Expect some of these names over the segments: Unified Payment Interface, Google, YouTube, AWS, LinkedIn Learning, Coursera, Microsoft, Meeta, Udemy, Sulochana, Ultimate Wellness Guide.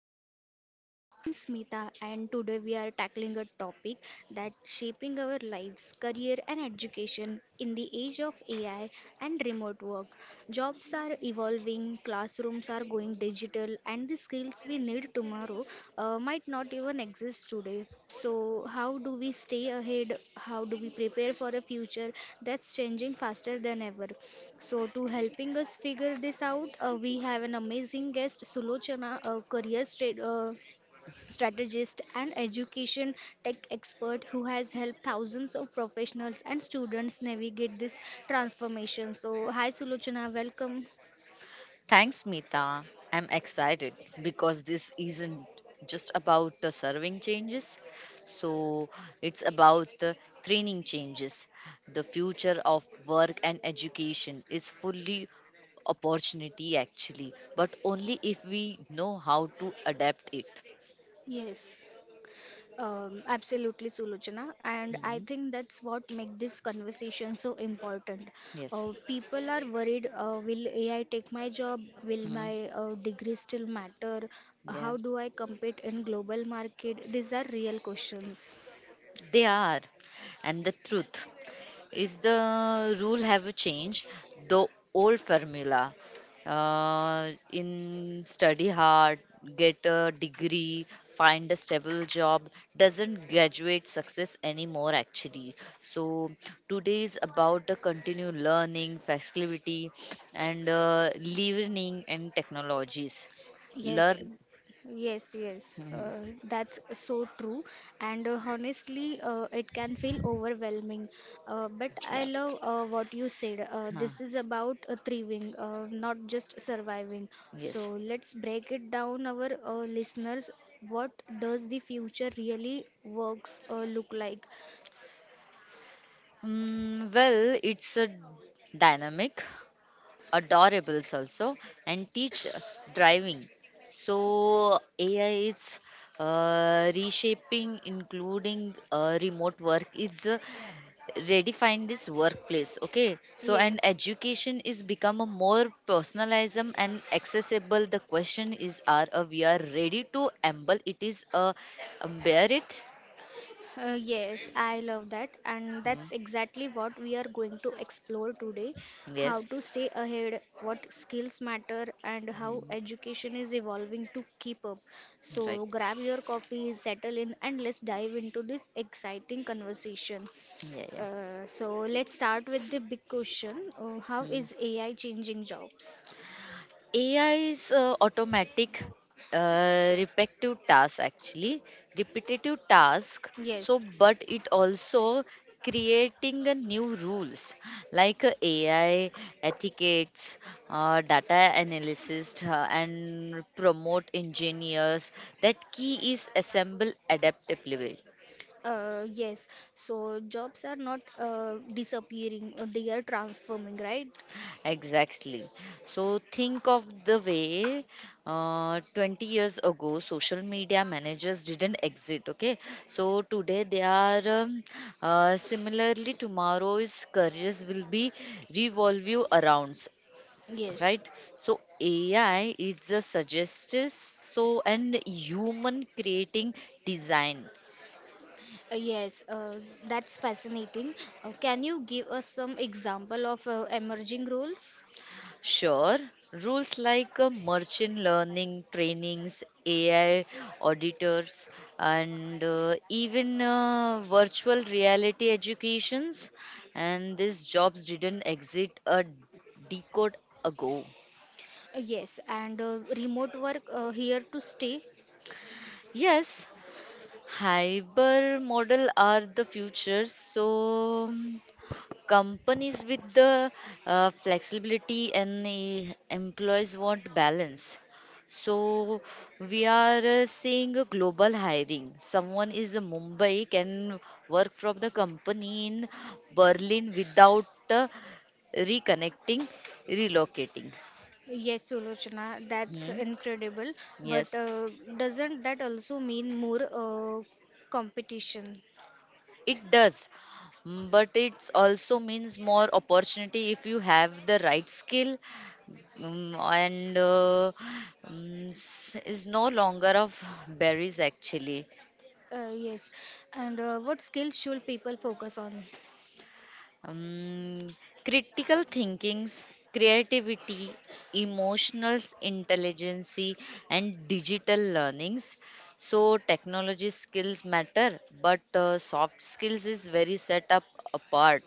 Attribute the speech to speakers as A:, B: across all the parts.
A: Ultimate Wellness Guide. I'm Smita and today we are tackling a topic that's shaping our lives, career and education in the age of AI and remote work. Jobs are evolving, classrooms are going digital and the skills we need tomorrow might not even exist today. So, how do we stay ahead? How do we prepare for a future that's changing faster than ever? So, to helping us figure this out, we have an amazing guest, Sulochana, a strategist and education tech expert who has helped thousands of professionals and students navigate this transformation. So, hi, Sulochana, welcome.
B: Thanks, Meeta. I'm excited because this isn't just about the serving changes. So it's about the training changes. The future of work and education is fully opportunity actually, but only if we know how to adapt it.
A: Yes. Absolutely, Sulochana. And I
B: Mhm.
A: think that's what makes this conversation so important.
B: Yes.
A: People are worried, will AI take my job? Will
B: Mhm.
A: my degree still matter?
B: Yeah.
A: How do I compete in global market? These are real questions.
B: They are. And the truth. Is the rule have a change? The old formula in study hard, get a degree, find a stable job doesn't graduate success anymore actually. So today is about the continued learning, flexibility, and learning and technologies.
A: Yes,
B: Learn,
A: uh, yes, yes.
B: Mhm.
A: Uh, That's so true. And honestly, it can feel overwhelming. But I
B: Yeah.
A: love what you said.
B: Huh.
A: This is about thriving, not just surviving.
B: Yes.
A: So let's break it down, our listeners. What does the future really works look like? S-
B: Mm, well, it's a dynamic. Adorables also and teach driving, so AI is reshaping including remote work is redefine this workplace, okay? So and
A: Yes.
B: education is become a more personalism and accessible. The question is are we are ready to embrace it, is bear it.
A: Yes, I love that, and
B: Hmm.
A: that's exactly what we are going to explore today, how
B: Yes.
A: to stay ahead, what skills matter, and how education is evolving to keep up.
B: Right.
A: So, grab your coffee, settle in, and let's dive into this exciting conversation.
B: Yeah, yeah.
A: So, let's start with the big question, how
B: Hmm.
A: is AI changing jobs?
B: AI is automatic, repetitive task actually, repetitive task. So,
A: Yes,
B: but it also creating a new rules like AI etiquettes, data analysis, and promote engineers. That key is assemble adaptability.
A: uh, yes. So jobs are not disappearing, they are transforming, right?
B: Exactly. So think of the way 20 years ago social media managers didn't exist. Okay. So today they are similarly tomorrow's careers will be revolve you arounds.
A: Yes,
B: Right. So AI is the suggestive, so and human creating design.
A: uh, yes, uh, that's fascinating. Can you give us some example of emerging roles?
B: Sure, rules like merchant learning trainings, AI auditors, and even virtual reality educations, and these jobs didn't exist a decade ago.
A: Yes, and remote work here to stay.
B: Yes, hyper model are the future. So companies with the flexibility and the employees want balance, so we are seeing a global hiring someone is a mumbai can work from the company in berlin without reconnecting relocating
A: Yes, Sulochana, that's
B: Hmm,
A: incredible. But
B: yes.
A: doesn't that also mean more competition?
B: It does, mm, but it also means more opportunity if you have the right skill, mm, and mm, is no longer of berries actually.
A: Yes, and what skills should people focus on?
B: Um, critical thinkings, creativity, emotional intelligence, and digital learnings. So technology skills matter, but soft skills is very set up apart.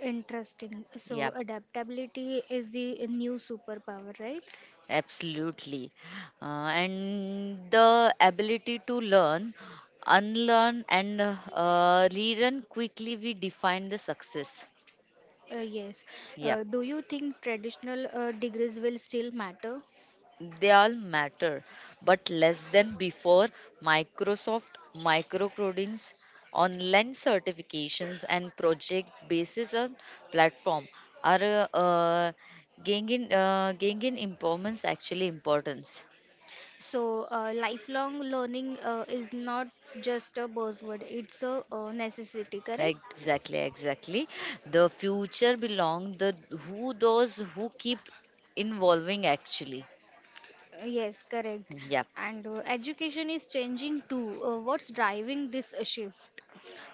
A: Interesting. So
B: Yeah.
A: adaptability is the new superpower, right?
B: Absolutely. Uh, and the ability to learn, unlearn, and relearn quickly, we define the success.
A: Yes.
B: Yeah,
A: Do you think traditional degrees will still matter?
B: they all matter, but less than before. Microsoft, micro online certifications, and project basis on platform are gaining, gaining importance.
A: So, lifelong learning is not just a buzzword, it's a necessity, correct?
B: Exactly, exactly. The future belong the who those who keep involving actually.
A: Yes, correct.
B: Yeah.
A: And education is changing too. What's driving this shift?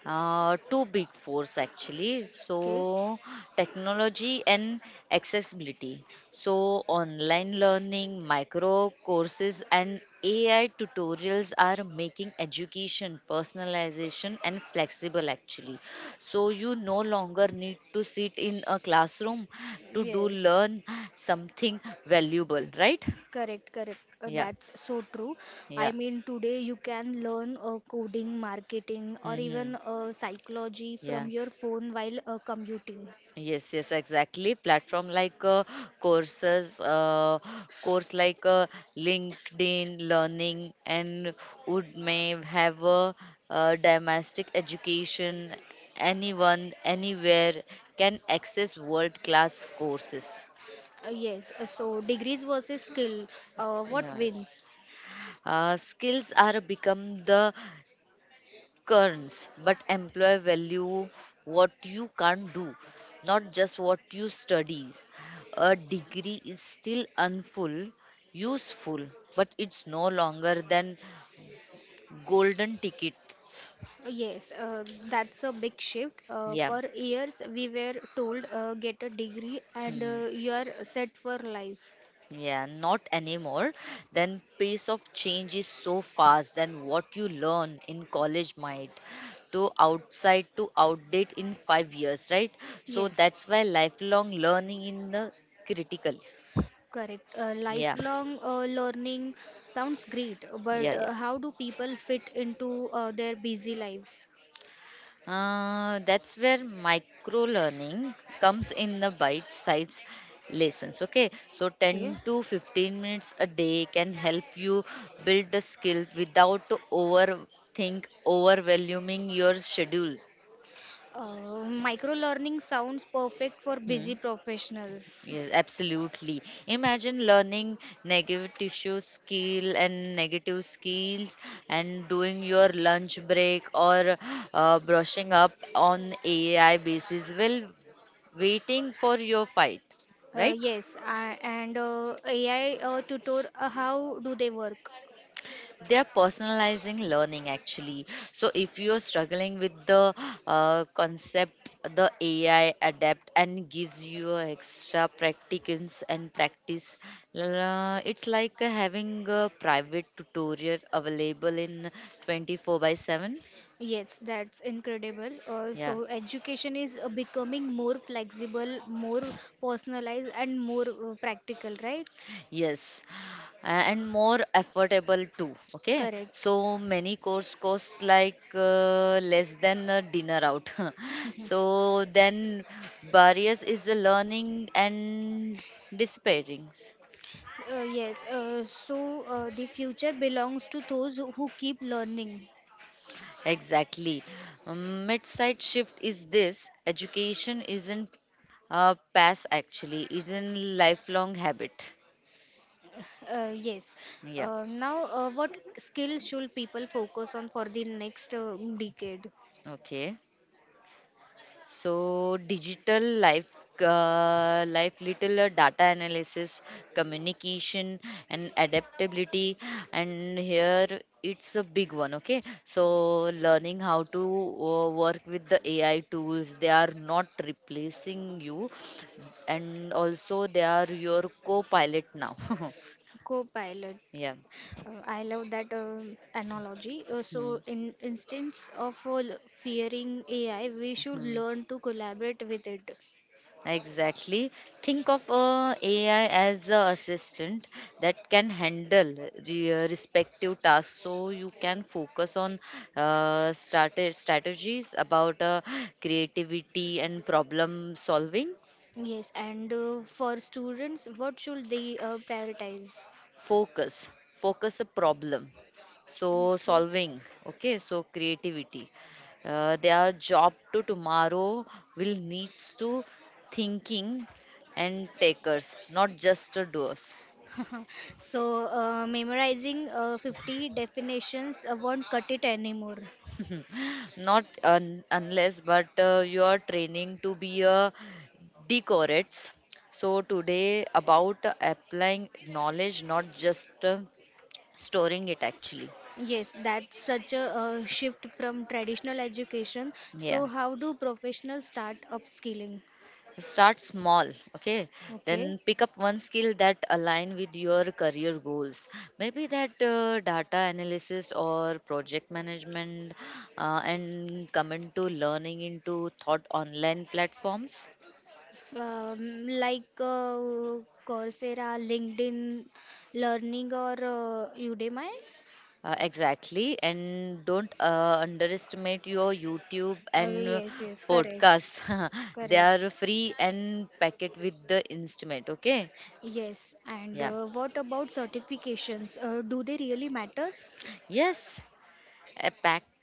B: Two big force actually.
A: Okay.
B: So, technology and accessibility. So, online learning, micro courses, and AI tutorials are making education personalization and flexible actually. So, you no longer need to sit in a classroom to do
A: Yes,
B: learn something valuable, right?
A: correct, correct.
B: Yeah,
A: That's so true.
B: yeah,
A: I mean, today you can learn coding, marketing, or even
B: mm-hmm.
A: psychology
B: Yeah.
A: from your phone while commuting.
B: Yes, yes, exactly. Platform like courses, course like LinkedIn Learning and would may have a, domestic education. Anyone, anywhere can access world class courses.
A: Yes, so degrees versus skill, what
B: Yes.
A: wins?
B: Skills are become the Currents, but employer value what you can't do, not just what you study. A degree is still unful, useful, but it's no longer than golden tickets.
A: Yes, that's a big shift.
B: Yeah.
A: For years, we were told, get a degree and
B: Hmm.
A: you are set for life.
B: Yeah, not anymore. Then pace of change is so fast than what you learn in college might to outdate in 5 years, right? So
A: Yes,
B: that's why lifelong learning in the critical.
A: correct.
B: Yeah,
A: Lifelong learning sounds great, but
B: yeah.
A: how do people fit into their busy lives?
B: That's where micro learning comes in the bite size lessons. Okay, so
A: Okay.
B: 10 to 15 minutes a day can help you build the skill without overwhelming your schedule.
A: Micro learning sounds perfect for
B: Hmm.
A: busy professionals.
B: Yes, absolutely. Imagine learning negative skills and doing your lunch break or brushing up on AI basis. Well, waiting for your fight
A: Uh,
B: right
A: yes, I, and uh, AI tutor, how do they work?
B: they are personalizing learning actually, so if you're struggling with the concept, the ai adapt and gives you a extra practicance and practice. It's like having a private tutorial available in 24 by 7.
A: Yes, that's incredible.
B: Yeah.
A: So education is becoming more flexible, more personalized, and more practical, right?
B: Yes, and more affordable too. Okay,
A: Correct.
B: so many course cost like less than a dinner out.
A: Mhm.
B: So then, barriers is the learning and disappearings.
A: Yes, so the future belongs to those who keep learning.
B: Exactly, um, mid-side shift is this. Education isn't a pass actually, isn't lifelong habit.
A: Yes.
B: Yeah.
A: Now, what skills should people focus on for the next decade?
B: Okay. So digital life, life little data analysis, communication, and adaptability, and here it's a big one. Okay, so learning how to work with the AI tools, they are not replacing you, and also they are your co-pilot now.
A: Co-pilot.
B: Yeah.
A: I love that analogy. Uh,
B: Hmm.
A: so, in instance of fearing AI, we should
B: Hmm.
A: learn to collaborate with it.
B: Exactly. Think of AI as a assistant that can handle the respective tasks, so you can focus on strategies about creativity and problem solving.
A: Yes, and for students, what should they prioritize?
B: Focus a problem. So
A: Okay.
B: solving, okay. So creativity. Their job to tomorrow will needs to thinking and takers, not just the doers.
A: So, memorizing 50 definitions won't cut it anymore.
B: Not unless, but you are training to be a decorates. So today about applying knowledge, not just storing it actually.
A: Yes, that's such a shift from traditional education.
B: Yeah.
A: So, how do professionals start upskilling?
B: Start small, okay?
A: Okay,
B: Then pick up one skill that align with your career goals. Maybe that data analysis or project management, and come into learning into thought online platforms.
A: like Coursera, LinkedIn Learning, or Udemy?
B: Exactly, and don't underestimate your YouTube
A: Uh,
B: and
A: yes, yes, correct,
B: podcast. They
A: correct.
B: are free and packet with the instrument. Okay,
A: Yes, and
B: yeah,
A: what about certifications? Do they really matters?
B: yes, uh,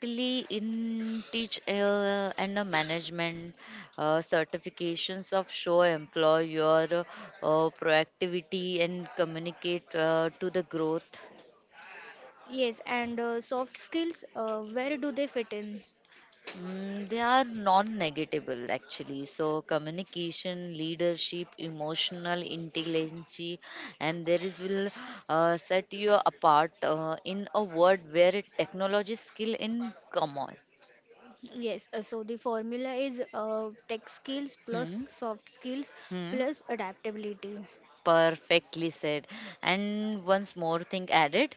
B: in teach and management certifications of show employ your proactivity and communicate to the growth.
A: Yes, and soft skills, where do they fit in?
B: Mm, they are non-negatable actually. So communication, leadership, emotional intelligence, and there is will set you apart in a world where technology skill in common.
A: Yes, so the formula is tech skills plus
B: Hmm.
A: soft skills
B: Hmm.
A: plus adaptability.
B: Perfectly said. And once more thing added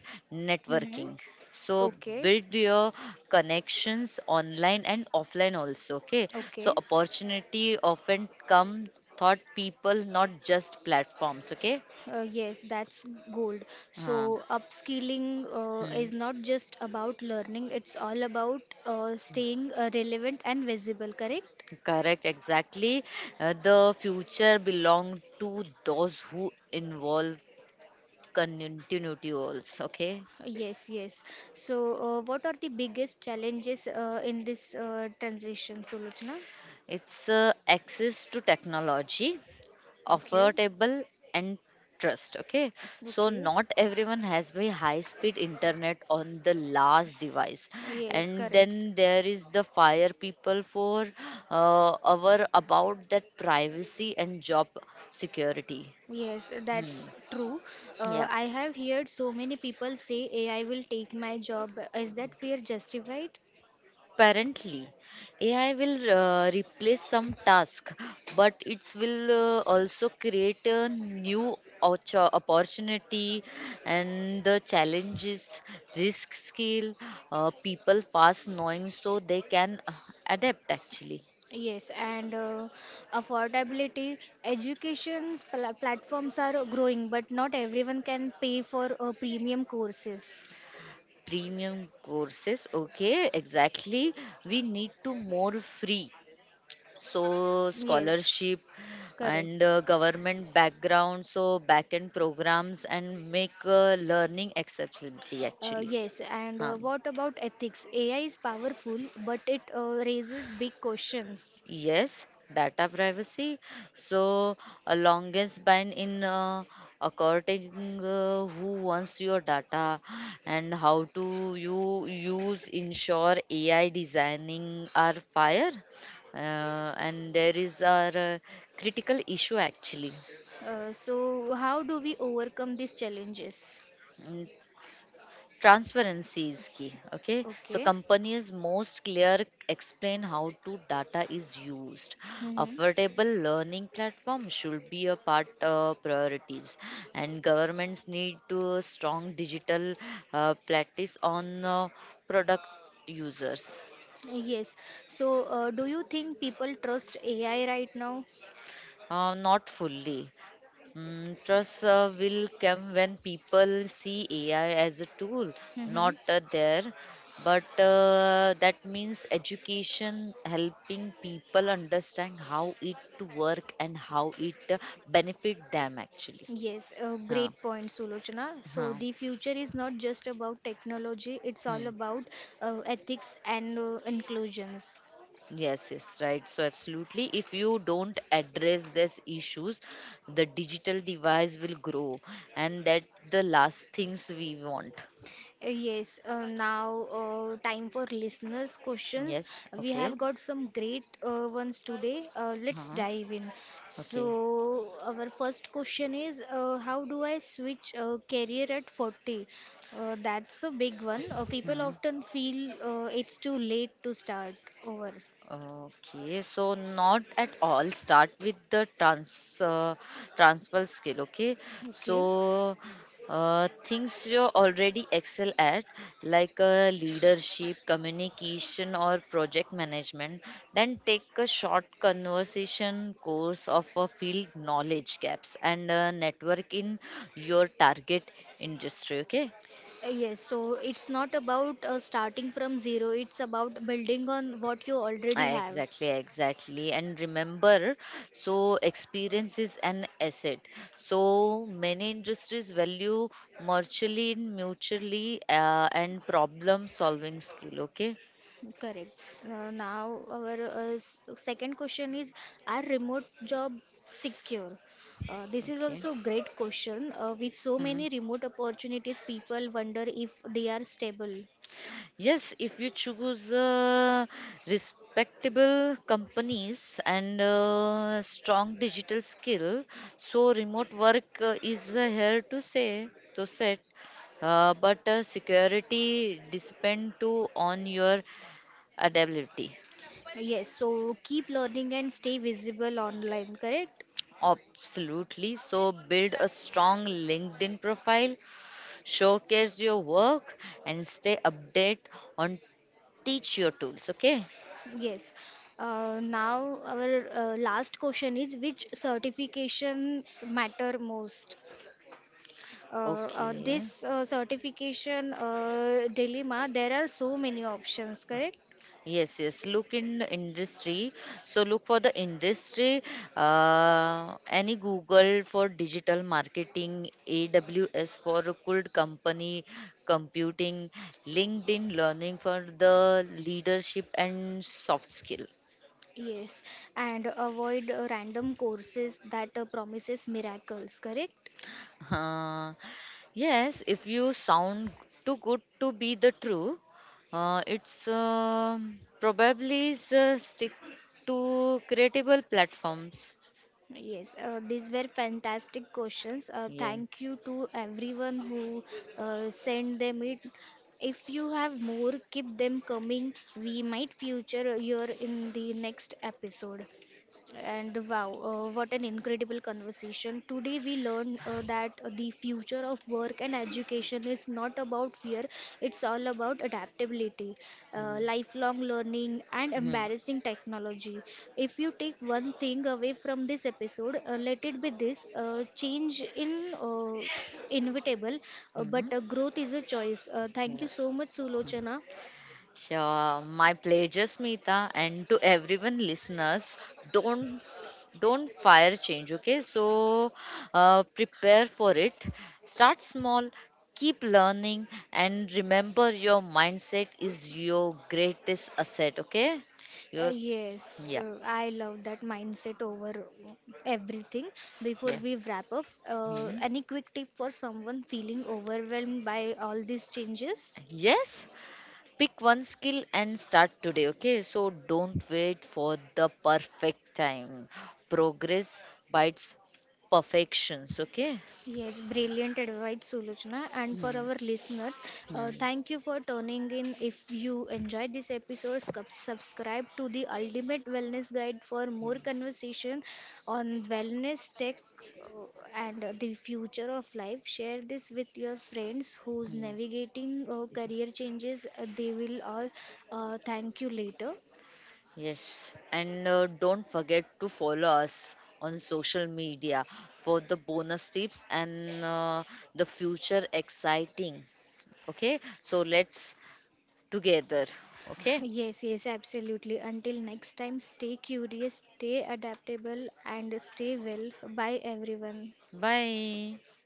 A: Mm-hmm.
B: networking. So
A: Okay,
B: build your connections online and offline also. Okay. So
A: okay.
B: opportunity often come thought people, not just platforms. Okay.
A: Yes, that's gold.
B: Uh,
A: So, upskilling is
B: hmm.
A: not just about learning, it's all about staying relevant and visible, correct?
B: Correct, exactly. The future belong to those who involve continuity also. Okay,
A: Yes, yes. So, what are the biggest challenges in this transition, Sulochna?
B: it's access to technology,
A: Okay,
B: affordable and trust, okay? So
A: okay.
B: not everyone has very high speed internet on the last device,
A: Yes,
B: and
A: correct.
B: then there is the fire people for our about that privacy and job security.
A: Yes,
B: Hmm.
A: that's true.
B: Yeah.
A: I have heard so many people say AI will take my job. Is that fear justified?
B: Apparently, AI will replace some task, but it will also create a new opportunity and the challenges, risk skill, people fast knowing so they can adapt actually.
A: Yes, and affordability. Education pl platforms are growing, but not everyone can pay for premium courses.
B: Premium courses, okay, exactly. We need to more free so
A: Yes,
B: scholarship and
A: correct.
B: government background so backend programs and make learning accessibility
A: Uh,
B: actually.
A: yes, and
B: Um,
A: what about ethics? AI is powerful, but it raises big questions.
B: yes, data privacy so a longest ban in according who wants your data and how to you use ensure ai designing are fire, and there is our critical issue actually.
A: So, how do we overcome these challenges?
B: Mm, transparency is key, okay? So
A: Okay.
B: companies most clear explain how to data is used,
A: Mm-hmm.
B: affordable learning platform should be a part priorities, and governments need to strong digital practice on product users.
A: Yes. So, do you think people trust AI right now?
B: Uh, not fully. Mm, trust will come when people see AI as a tool,
A: Mm-hmm.
B: not there. But that means education helping people understand how it to work and how it benefit them actually.
A: Yes,
B: Huh.
A: great point, Sulochana. So,
B: Huh.
A: the future is not just about technology, it's all
B: Hmm.
A: about ethics and inclusions.
B: Yes, yes, right. So absolutely, if you don't address these issues, the digital device will grow, and that the last things we want.
A: Yes, now time for listeners' questions.
B: Yes.
A: We
B: Okay.
A: have got some great ones today. Let's
B: Huh.
A: dive in. So,
B: Okay.
A: our first question is, how do I switch career at 40? That's a big one. People
B: Hmm.
A: often feel it's too late to start over.
B: Okay. So not at all. Start with the uh, transfer skill. Okay. So
A: Okay.
B: things you already excel at, like leadership, communication, or project management. Then take a short conversation course of a field knowledge gaps and network in your target industry. Okay.
A: Yes, so it's not about starting from zero, it's about building on what you already
B: Ah,
A: have.
B: exactly, exactly. And remember, so experience is an asset. So many industries value mutually, and problem solving skill. Okay,
A: Correct. Now our second question is, are remote job secure? This is
B: okay.
A: also a great question. With so
B: Hmm.
A: many remote opportunities, people wonder if they are stable.
B: Yes, if you choose respectable companies and strong digital skill, so remote work is here to set, but security depend to on your adaptability.
A: Yes, so keep learning and stay visible online, correct?
B: Absolutely. So build a strong LinkedIn profile, showcase your work, and stay update on teach your tools. Okay.
A: Yes. Now our last question is, which certifications matter most?
B: Okay.
A: This certification dilemma, there are so many options, correct?
B: Yes, yes. Look in the industry. So look for the industry. Any Google for digital marketing, AWS for good company, computing, LinkedIn learning for the leadership and soft skill.
A: Yes, and avoid random courses that promises miracles, correct?
B: Uh, yes, if you sound too good to be the true, it's probably is, stick to creatable platforms.
A: Yes, these were fantastic questions.
B: Yeah.
A: Thank you to everyone who sent them it. If you have more, keep them coming. We might feature your in the next episode. And wow, what an incredible conversation. Today we learned that the future of work and education is not about fear, it's all about adaptability,
B: Hmm.
A: lifelong learning, and
B: Hmm.
A: embarrassing technology. If you take one thing away from this episode, let it be this, change in inevitable, uh,
B: Mhm.
A: but uh, growth is a choice. Thank you
B: Yes.
A: so much, Sulochana.
B: Sure. My pleasure, Smita. And to everyone listeners, don't don't fire change, okay? So prepare for it. Start small, keep learning, and remember your mindset is your greatest asset, okay?
A: Uh,
B: Your
A: yes,
B: yeah,
A: uh, I love that, mindset over everything. Before
B: yeah.
A: we wrap up,
B: Mhm.
A: any quick tip for someone feeling overwhelmed by all these changes?
B: Yes, pick one skill and start today, okay? So don't wait for the perfect time. Progress bites perfections, okay?
A: Yes, brilliant advice, Sulochana. And for
B: Hmm,
A: our listeners,
B: hmm.
A: thank you for tuning in. If you enjoyed this episode, subscribe to the Ultimate Wellness Guide for more conversation on wellness tech and the future of life. Share this with your friends who's navigating career changes. They will all thank you later.
B: Yes, and don't forget to follow us on social media for the bonus tips and the future exciting. Okay, so let's together. Okay,
A: Yes, yes, absolutely. Until next time, stay curious, stay adaptable, and stay well. Bye, everyone.
B: bye.